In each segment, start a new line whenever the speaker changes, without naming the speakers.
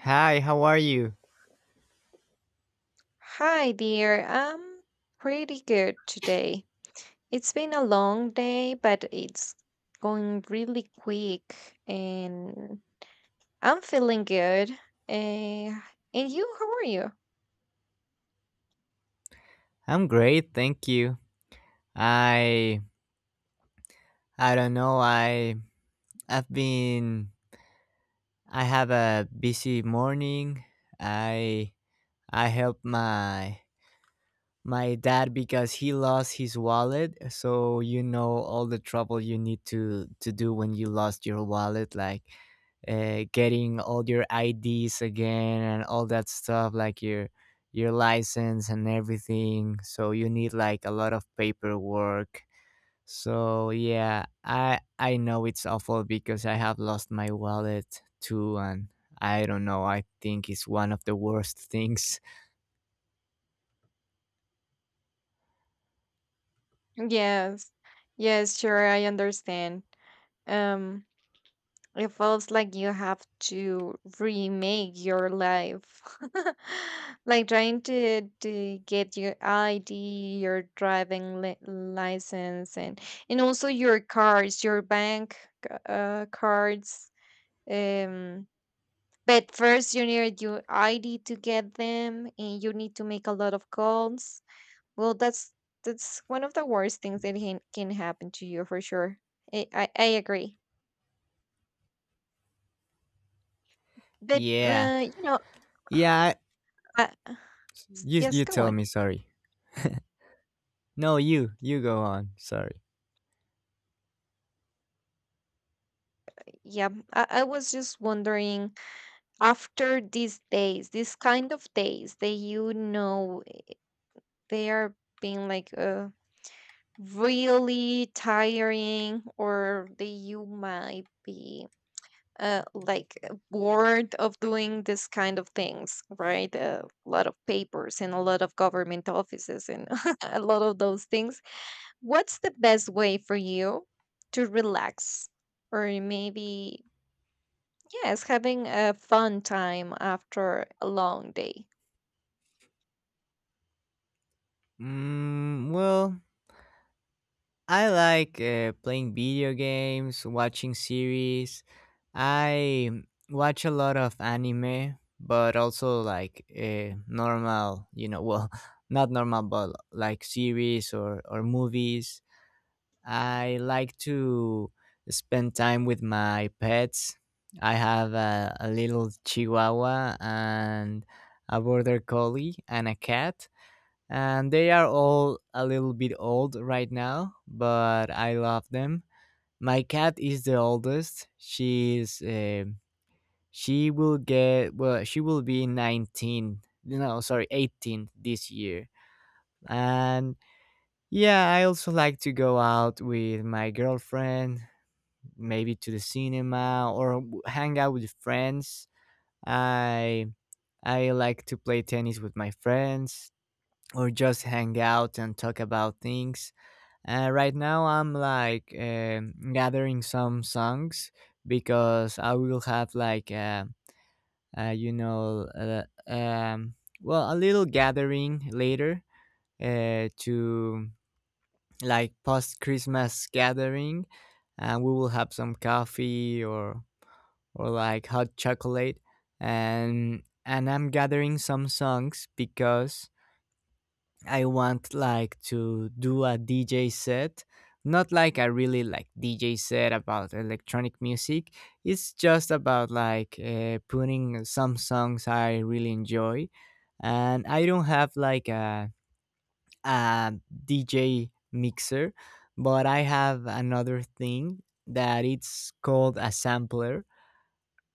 Hi, how are you?
Hi, dear. I'm pretty good today. It's been a long day, but it's going really quick, and I'm feeling good. Uh, and you, how are you?
I'm great, thank you. I I don't know. I I've been I have a busy morning. I I help my My dad because he lost his wallet, so you know all the trouble you need to do when you lost your wallet, like getting all your IDs again and all that stuff, like your license and everything. So you need like a lot of paperwork. So yeah, I know it's awful because I have lost my wallet too, and I don't know. I think it's one of the worst things.
Yes, yes, sure, I understand. Um, It feels like you have to remake your life. Like trying to get your ID, your driving li license, and also your cards, your bank cards. Um, but first you need your ID to get them, and you need to make a lot of calls. Well, that's one of the worst things that can happen to you for sure. I agree. But
Yeah,
you know.
yeah.
I,
You
yes,
you
go
tell
on.
me, sorry. No, you go on. Sorry.
Yeah, I was just wondering after these days, these kind of days that you know they are being like really tiring, or that you might be bored of doing this kind of things, right? A lot of papers and a lot of government offices and a lot of those things. What's the best way for you to relax? Or maybe yes, having a fun time after a long day.
Well, I like playing video games, watching series. I watch a lot of anime, but also like normal, well, not normal, but like series or movies. I like to spend time with my pets. I have a little chihuahua and a border collie and a cat. And they are all a little bit old right now, but I love them. My cat is the oldest. She will get well. She will be 19. No, sorry, 18 this year. And yeah, I also like to go out with my girlfriend maybe to the cinema or hang out with friends. I I like to play tennis with my friends or just hang out and talk about things. Right now, I'm gathering some songs because I will have like, uh, you know uh, um, well, a little gathering later, to, like, post Christmas gathering, and we will have some coffee or like hot chocolate, and I'm gathering some songs because I want, like, to do a DJ set, not like a really like DJ set about electronic music. It's just about like putting some songs I really enjoy. And I don't have like a DJ mixer, but I have another thing that it's called a sampler,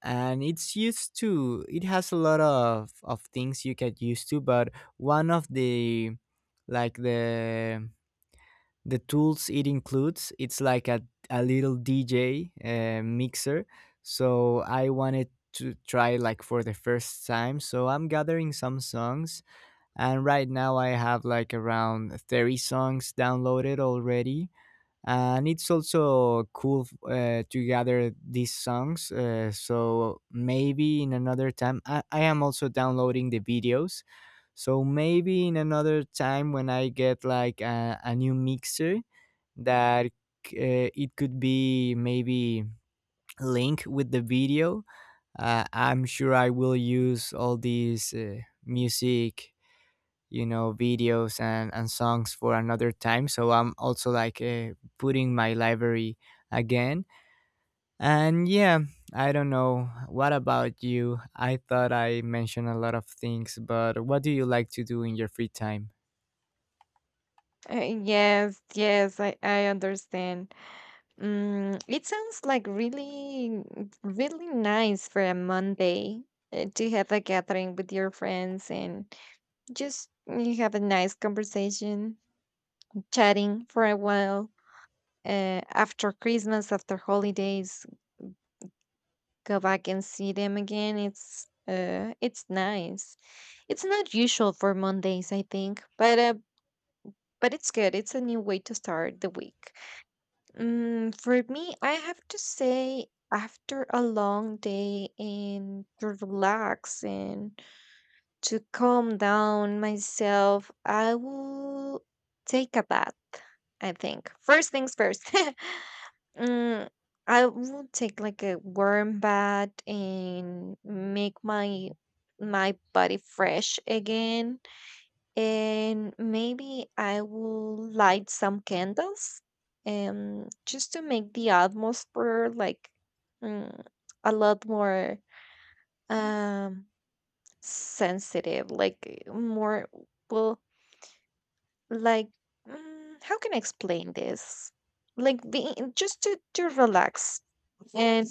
and it's used to it has a lot of things you get used to. But one of the, like the tools it includes, it's like a little DJ mixer. So I wanted to try, like, for the first time. So I'm gathering some songs, and right now I have like around 30 songs downloaded already. And it's also cool to gather these songs, so maybe in another time I am also downloading the videos. So maybe in another time, when I get like a new mixer, that it could be maybe linked with the video, I'm sure I will use all these music, videos and songs for another time. So I'm also like putting my library again. And yeah, I don't know, what about you? I thought I mentioned a lot of things, but what do you like to do in your free time?
Yes, yes, I understand. Mm, it sounds like really, really nice for a Monday to have a gathering with your friends and just you have a nice conversation, chatting for a while. After Christmas, after holidays, go back and see them again. It's nice. It's not usual for Mondays, I think, but it's good. It's a new way to start the week. Mm, for me, I have to say, after a long day and to relax and to calm down myself, I will take a bath. I think first things first. Mm, I will take like a warm bath and make my my body fresh again and maybe I will light some candles, just to make the atmosphere like mm, a lot more um sensitive, like more well, like mm, how can I explain this? Like being just to relax and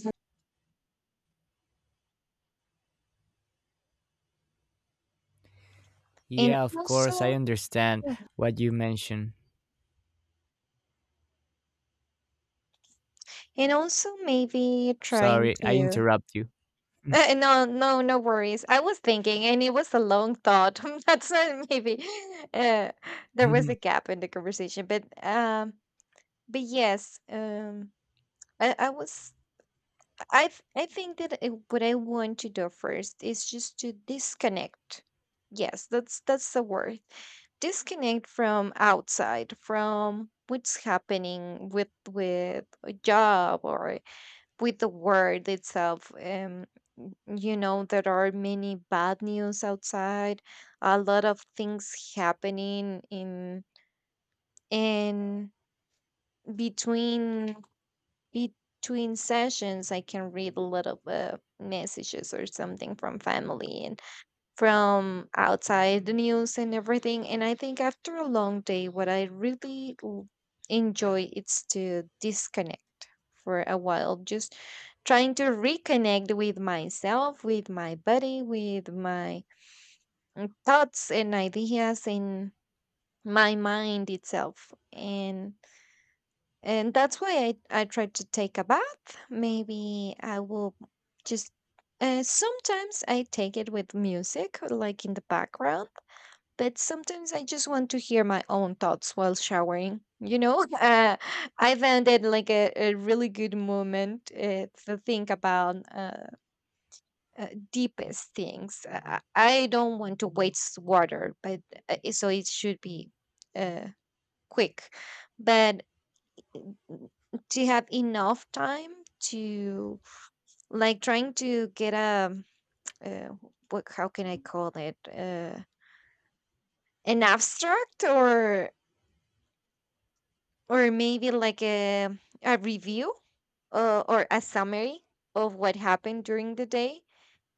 and
Yeah, of course, I
also
understand what you mentioned.
and also maybe trying
Sorry I
to
interrupt you.
eh, no, no, no worries. I was thinking, and it was a long thought. That's why maybe uh, there was a gap in the conversation, but yes, I was, I think that what I want to do first is just to disconnect. Yes, that's the word. Disconnect from outside, from what's happening with a job or with the world itself. You know there are many bad news outside, a lot of things happening in between, between sessions I can read a lot of messages or something from family and from outside the news and everything, and I think after a long day what I really enjoy is to disconnect for a while, just trying to reconnect with myself, with my body, with my mm, thoughts and ideas in my mind itself. And that's why I try to take a bath. Maybe I will just sometimes I take it with music like in the background, but sometimes I just want to hear my own thoughts while showering, you know. Uh, I found it like a really good moment to think about deepest things. I don't want to waste water, but so it should be uh, quick. But n- do you have enough time to like trying to get a uh, what? How can I call it? An abstract or maybe like a review or a summary of what happened during the day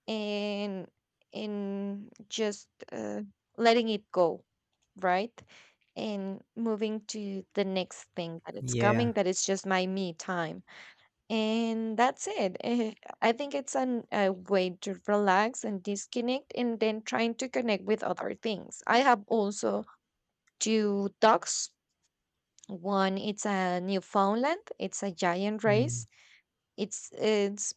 and in just letting it go, right, and moving to the next thing that it's
Yeah.
coming, that it's just my me time. And that's it. Eh, I think it's an, a way to relax and disconnect and then trying to connect with other things. I have also two dogs. One, it's a Newfoundland. It's a giant
Mm.
race. It's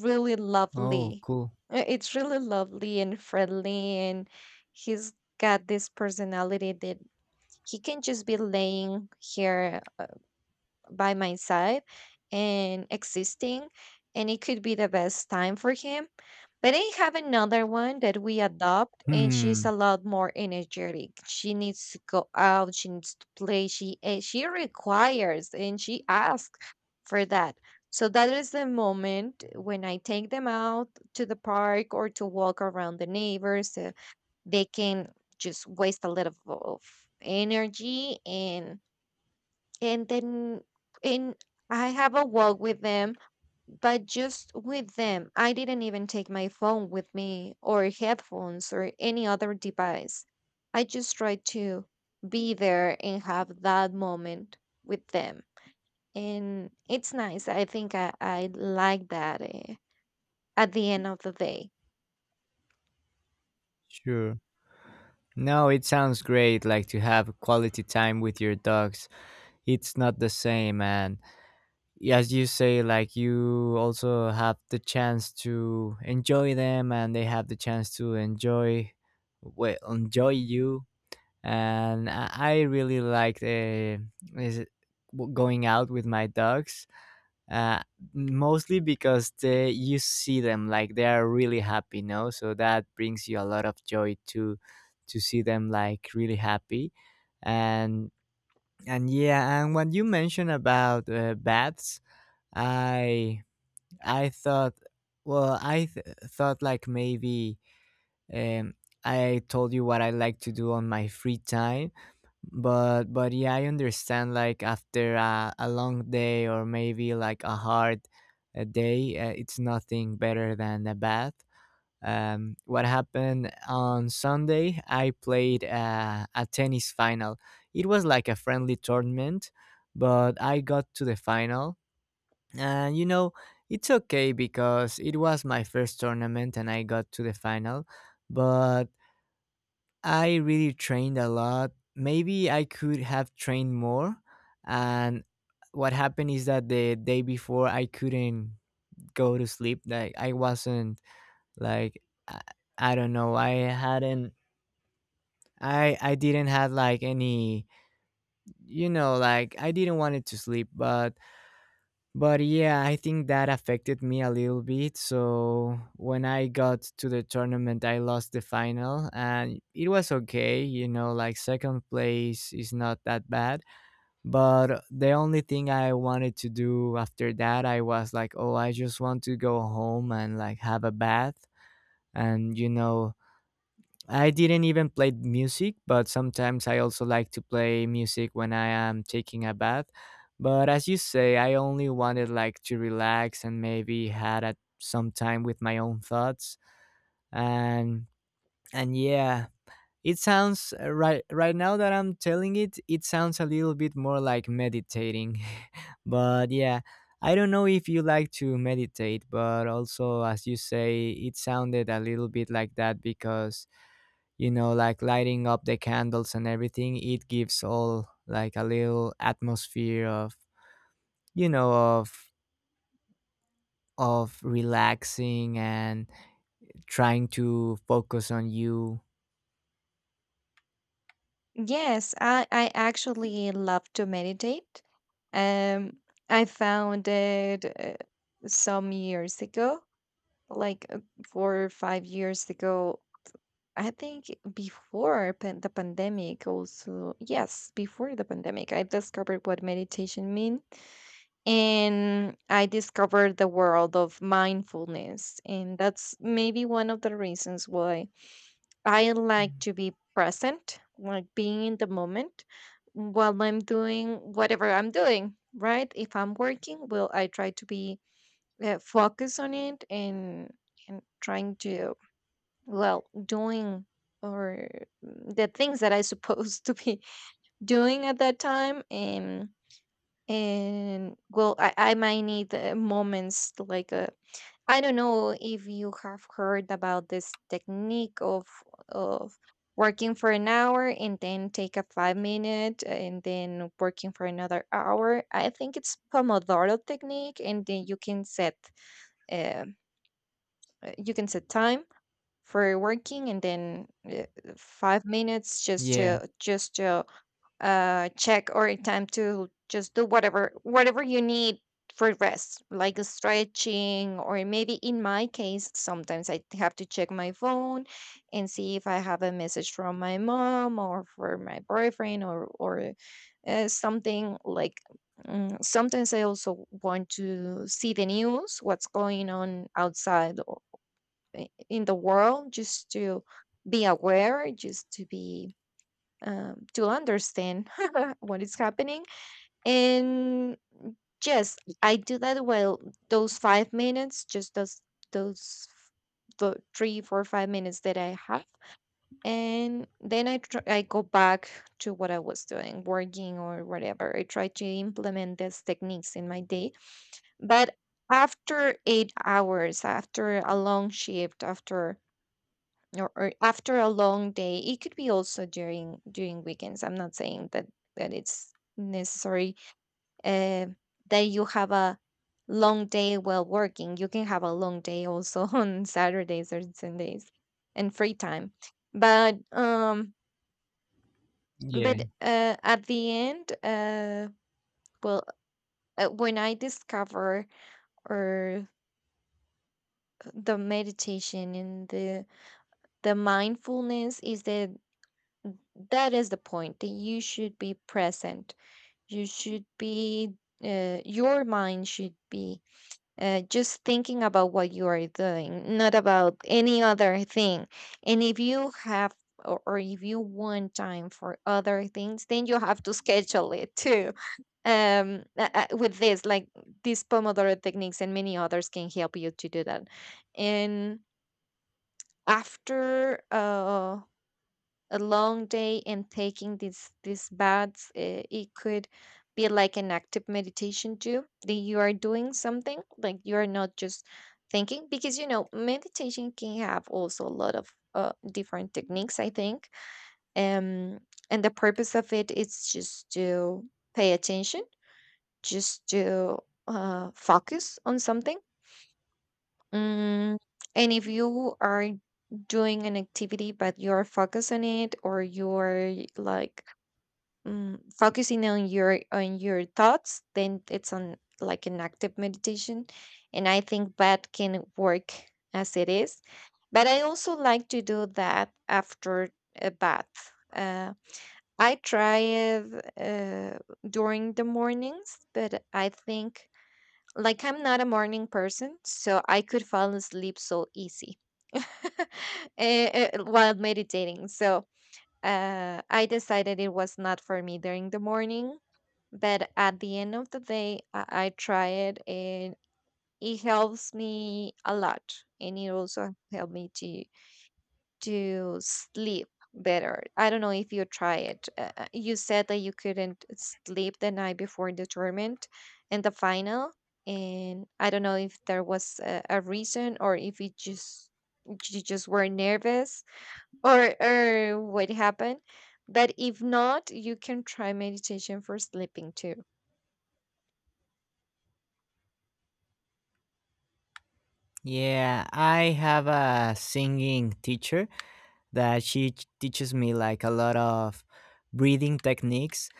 really
Oh,
lovely.
cool.
It's really lovely and friendly, and he's got this personality that he can just be laying here by my side and existing, and it could be the best time for him. But I have another one that we adopt, and she's
Hmm.
a lot more energetic. She needs to go out, she needs to play, she she requires and she asks for that. So that is the moment when I take them out to the park or to walk around the neighbors. Uh, they can just waste a little of energy, and then and I have a walk with them, but just with them. I didn't even take my phone with me or headphones or any other device. I just tried to be there and have that moment with them. And it's nice. I think I like that at the end of the day.
Sure. No, it sounds great, like to have quality time with your dogs. It's not the same, and as you say, like, you also have the chance to enjoy them, and they have the chance to enjoy, well, enjoy you. And I really like the, is it- going out with my dogs, uh, mostly because they, you see them, like they are really happy, no? So that brings you a lot of joy to see them like really happy. And and yeah, and when you mentioned about bats, I I thought, well, I thought, like, maybe um, I told you what I like to do on my free time, but yeah, I understand, like after a long day or maybe like a hard day, it's nothing better than a bath. What happened on Sunday? I played a tennis final. It was like a friendly tournament, but I got to the final. And you know, it's okay because it was my first tournament and I got to the final. But I really trained a lot. Maybe I could have trained more. And what happened is that the day before I couldn't go to sleep. Like I wasn't, like I, I don't know, I hadn't I didn't have like any, like I didn't want it to sleep, but yeah, I think that affected me a little bit. So when I got to the tournament, I lost the final, and it was okay, you know, like second place is not that bad, but the only thing I wanted to do after that, I was like, oh, I just want to go home and like have a bath, and you know, I didn't even play music, but sometimes I also like to play music when I am taking a bath. But as you say, I only wanted, like, to relax and maybe had some time with my own thoughts. And and yeah, it sounds, right now that I'm telling it, it sounds a little bit more like meditating. But yeah, I don't know if you like to meditate, but also, as you say, it sounded a little bit like that because, you know, like lighting up the candles and everything, it gives all like a little atmosphere of, you know, of of relaxing and trying to focus on you.
Yes, I actually love to meditate. Um, I found it some years ago like 4 or 5 years ago. I think the pandemic, also, yes, before the pandemic, I discovered what meditation means. And I discovered the world of mindfulness. And that's maybe one of the reasons why I like
Mm.
to be present, like being in the moment while I'm doing whatever I'm doing, right? If I'm working, will I try to be focused on it and trying to well doing or mm, the things that I supposed to be doing at that time. And well I might need moments like I don't know if you have heard about this technique of working for an hour and then take a 5 minute and then working for another hour. I think it's pomodoro technique, and then uh, you can set time for working, and then 5 minutes just
Yeah,
to check or time to just do whatever, whatever you need for rest, like a stretching, or maybe in my case sometimes I have to check my phone and see if I have a message from my mom or for my boyfriend or something like mm, sometimes I also want to see the news, what's going on outside in the world, just to be aware, just to be to understand what is happening. And yes, I do that well, those 5 minutes, just those the 3 4 5 minutes that I have. And then I go back to what I was doing, working or whatever. I try to implement these techniques in my day, but after 8 hours, after a long shift, after or after a long day, it could be also during during weekends. I'm not saying that that it's necessary uh, that you have a long day while working. You can have a long day also on Saturdays or Sundays and free time. But
yeah.
but at the end well when I discover or the meditation and the mindfulness is that that is the point that you should be present, you should be your mind should be just thinking about what you are doing, not about any other thing. And if you have or if you want time for other things, then you have to schedule it too. Um with this like these pomodoro techniques and many others can help you to do that. And after a long day and taking these baths, it could be like an active meditation too, that you are doing something, like you are not just thinking, because you know meditation can have also a lot of different techniques, I think. Um, and the purpose of it is just to pay attention, just to focus on something, mm, and if you are doing an activity but you're focused on it, or you're like mm, focusing on your thoughts, then it's on like an active meditation, and I think that can work as it is. But I also like to do that after a bath. I try it during the mornings, but I think like I'm not a morning person, so I could fall asleep so easy eh, while meditating. So I decided it was not for me during the morning, but at the end of the day, I try it, and it helps me a lot. And it also helped me to sleep better. I don't know if you try it. You said that you couldn't sleep the night before the tournament and the final. And I don't know if there was a reason, or if it just you just were nervous or what happened, but if not, you can try meditation for sleeping too.
Yeah, I have a singing teacher that she teaches me like a lot of breathing techniques,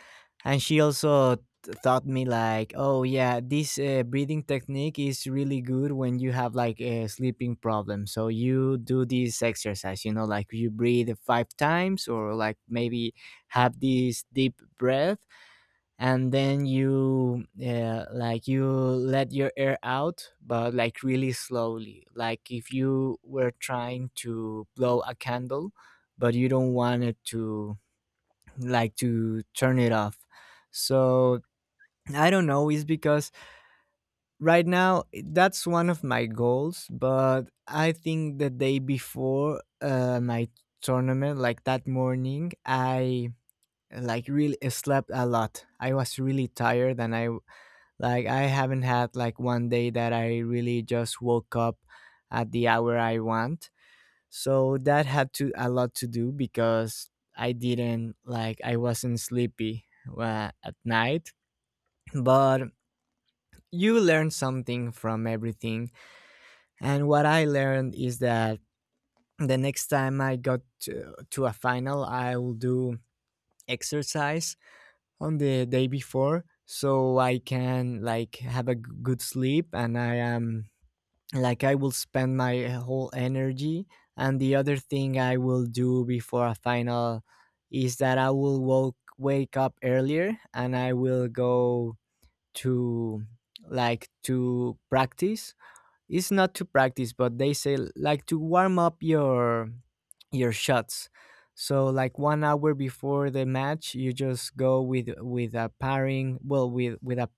and she also taught me like, oh yeah, this breathing technique is really good when you have like a sleeping problem. So you do this exercise, you know, like you breathe five times, or like maybe have this deep breath, and then you, like, you let your air out, but like really slowly, like if you were trying to blow a candle, but you don't want it to, like, to turn it off. So I don't know, is because right now that's one of my goals, but I think the day before my tournament, like that morning, I like really slept a lot. I was really tired, and I haven't had like one day that I really just woke up at the hour I want. So that had to a lot to do because I didn't, like I wasn't sleepy at night. But you learn something from everything. And what I learned is that the next time I got to a final, I will do exercise on the day before, so I can like have a good sleep, and I am, like, I will spend my whole energy. And the other thing I will do before a final is that I will wake up earlier, and I will go to, like, to practice. It's not to practice, but they say, like, to warm up your shots. So like 1 hour before the match, you just go with a pairing, well, with a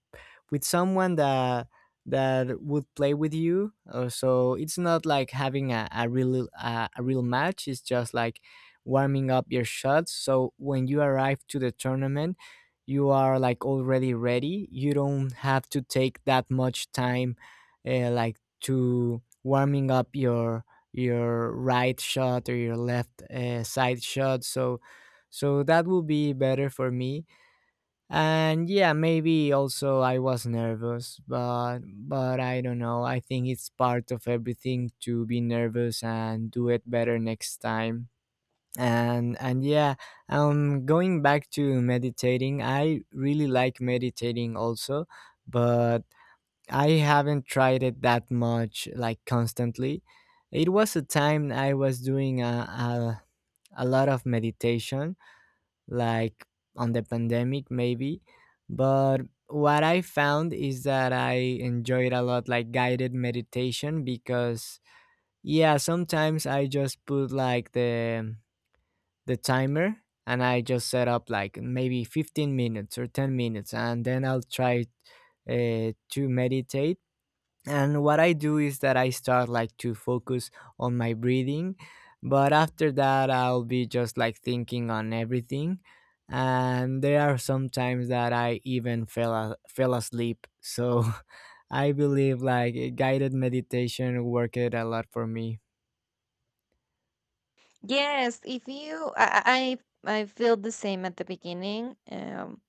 with someone that that would play with you. So it's not like having a real match. It's just like warming up your shots. So when you arrive to the tournament, you are, like, already ready. You don't have to take that much time, like, to warming up your right shot or your left side shot. So that will be better for me. And yeah, maybe also I was nervous, but I don't know, I think it's part of everything to be nervous and do it better next time. And yeah, going back to meditating, I really like meditating also, but I haven't tried it that much, like, constantly. It was a time I was doing a lot of meditation, like, on the pandemic, maybe. But what I found is that I enjoyed a lot, like, guided meditation, because, yeah, sometimes I just put like the timer, and I just set up like maybe 15 minutes or 10 minutes, and then I'll try to meditate. And what I do is that I start, like, to focus on my breathing, but after that, I'll be just, like, thinking on everything. And there are some times that I even fell asleep. So I believe, like, guided meditation worked a lot for me.
Yes, if you I feel the same at the beginning.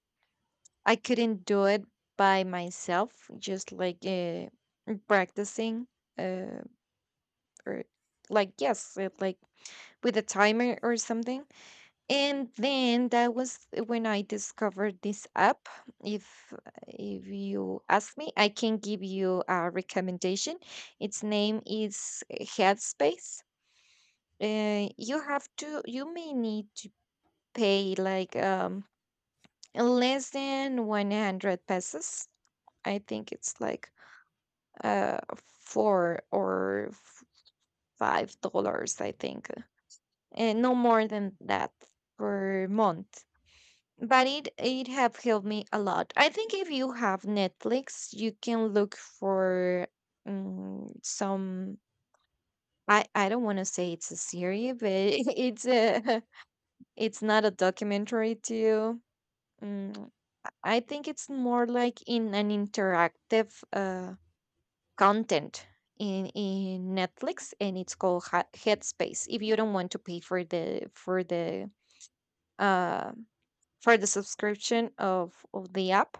I couldn't do it by myself, just like practicing, uh or like yes it, like with a timer or something. And then that was when I discovered this app. If if you ask me, I can give you a recommendation. Its name is Headspace. You may need to pay like less than 100 pesos. I think it's like four or $5, I think. And no more than that per month. But it have helped me a lot. I think if you have Netflix, you can look for some. I don't want to say it's a series, but it's a it's not a documentary too. Mm, I think it's more like in an interactive content in Netflix, and it's called Headspace, if you don't want to pay uh for the subscription of the app.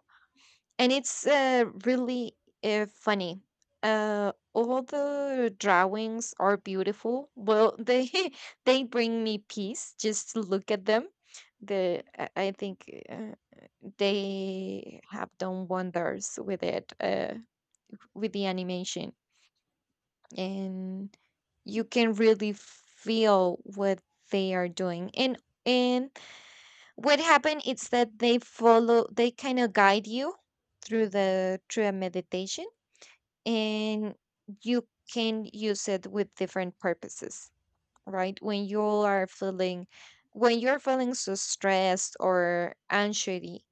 And it's really funny. All the drawings are beautiful. Well, they they bring me peace just to look at them. The I think they have done wonders with it, with the animation, and you can really feel what they are doing. And what happened is that they follow, they kind of guide you through a meditation, and you can use it with different purposes. Right, when you're feeling so stressed, or anxiety,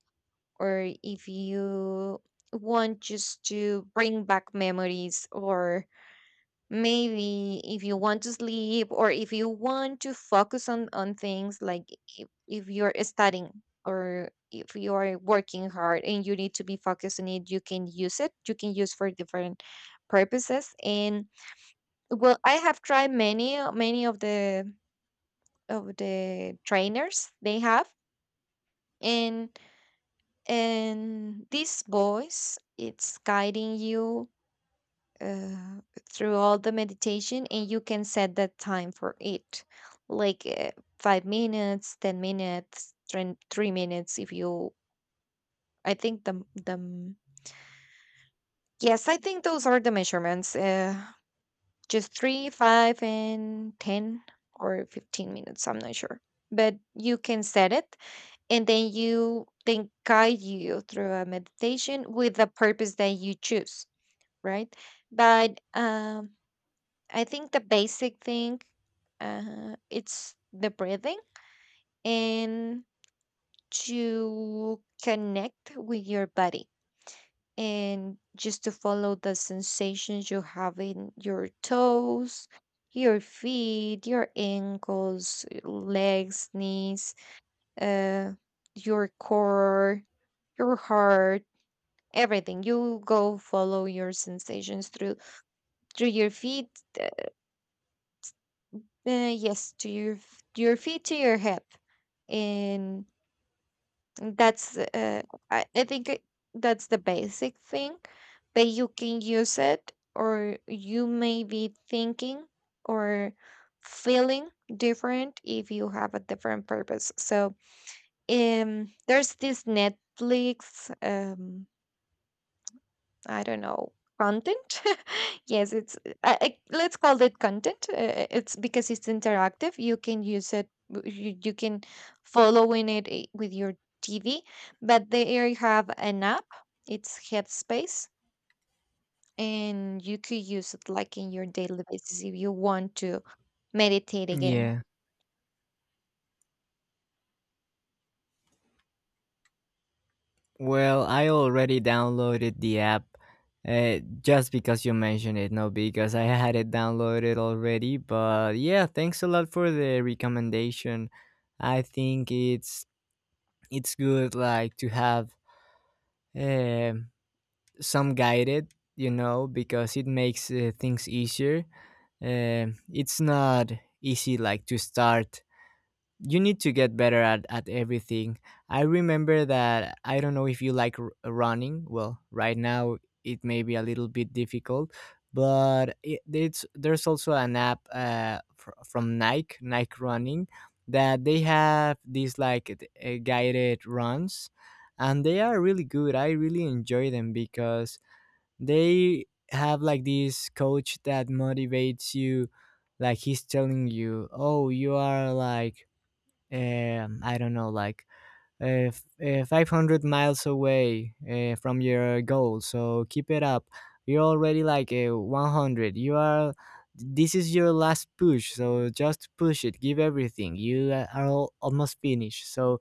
or if you want just to bring back memories, or maybe if you want to sleep, or if you want to focus on things, like if you're studying or if you are working hard and you need to be focused on it, you can use for different purposes. And well, I have tried many of the trainers they have. And and this voice, it's guiding you uh, through all the meditation, and you can set the time for it, like 5 minutes, 10 minutes, three minutes. If you— I think the mm, yes, I think those are the measurements. Just 3, 5, and 10 or 15 minutes. I'm not sure, but you can set it, and then you then guide you through a meditation with the purpose that you choose, right? But I think the basic thing, it's the breathing, and to connect with your body, and just to follow the sensations you have in your toes, your feet, your ankles, legs, knees, uh, your core, your heart, everything. You go follow your sensations through your feet, uh, yes, to your feet, to your hip, and— That's I think that's the basic thing. But you can use it, or you may be thinking or feeling different if you have a different purpose. So, there's this Netflix I don't know, content. Yes, let's call it content. It's because it's interactive. You can use it. You can follow in it with your TV. But they have an app. It's Headspace, and you could use it like in your daily basis if you want to meditate again.
Yeah. Well, I already downloaded the app, just because you mentioned it, no, because I had it downloaded already. But yeah, thanks a lot for the recommendation. I think it's good, like, to have um some guided, because it makes things easier. It's not easy, like, to start. You need to get better at everything. I remember that, I don't know if you like running. Well, right now it may be a little bit difficult, but it, it's there's also an app from Nike, Nike Running, that they have these like guided runs, and they are really good. I really enjoy them because they have like this coach that motivates you, like, he's telling you, oh, you are, like, I don't know, like, 500 miles away from your goal. So keep it up. You're already like, 100. You are. This is your last push. So just push it. Give everything. You, are almost finished. So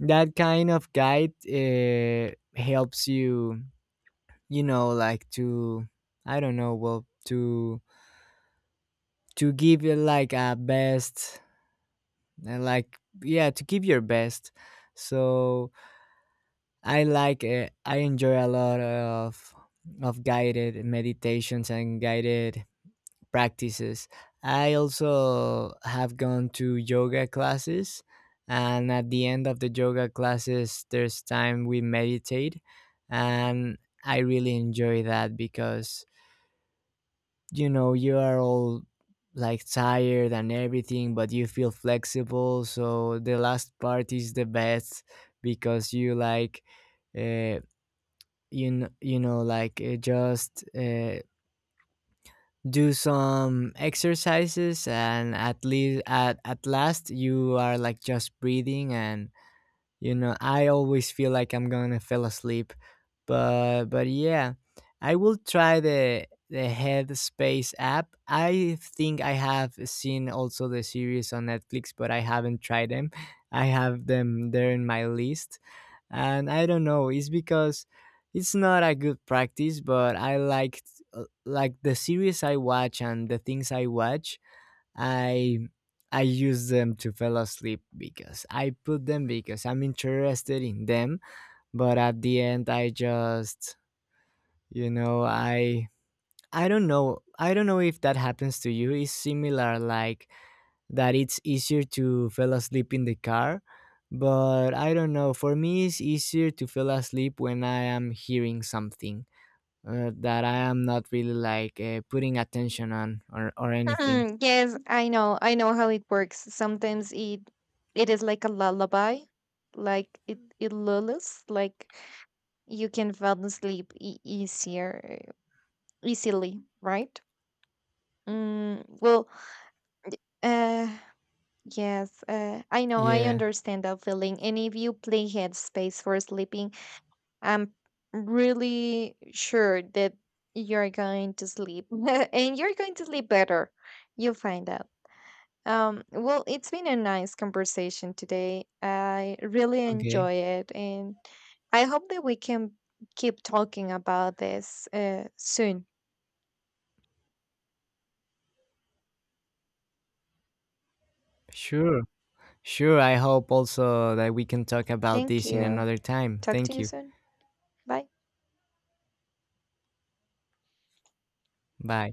that kind of guide helps you. You know, like to, I don't know, well, to give you like a best, like, yeah, to give your best. So I like it. I enjoy a lot of guided meditations and guided practices. I also have gone to yoga classes, and at the end of the yoga classes there's time we meditate, and I really enjoy that because, you know, you are all, like, tired and everything, but you feel flexible, so the last part is the best because you, like, uh like, just, do some exercises, and at least at last, you are, like, just breathing, and, you know, I always feel like I'm gonna fall asleep. But yeah, I will try the Headspace app. I think I have seen also the series on Netflix, but I haven't tried them. I have them there in my list, and I don't know, it's because it's not a good practice, but I like the series I watch and the things I watch, i I use them to fall asleep because I put them because I'm interested in them, but at the end I just, you know, I don't know, I don't know if that happens to you. It's similar, like, that it's easier to fall asleep in the car, but I don't know, for me it's easier to fall asleep when I am hearing something that I am not really, like, putting attention on, or anything.
Hmm, yes, I know. I know how it works. Sometimes it is like a lullaby, like it lulls, like you can fall asleep e- easier easily, right? Well, uh yes, I know, I
Yeah.
understand that feeling. And if you play Headspace for sleeping, I'm really sure that you're going to sleep and you're going to sleep better. You'll find out. Um, well, it's been a nice conversation today. I really
Okay.
enjoy it, and I hope that we can keep talking about this soon.
Sure. Sure, I hope also that we can talk about
Thank
this in
you.
another time.
Talk to
Thank
you
you.
soon. Bye.
Bye.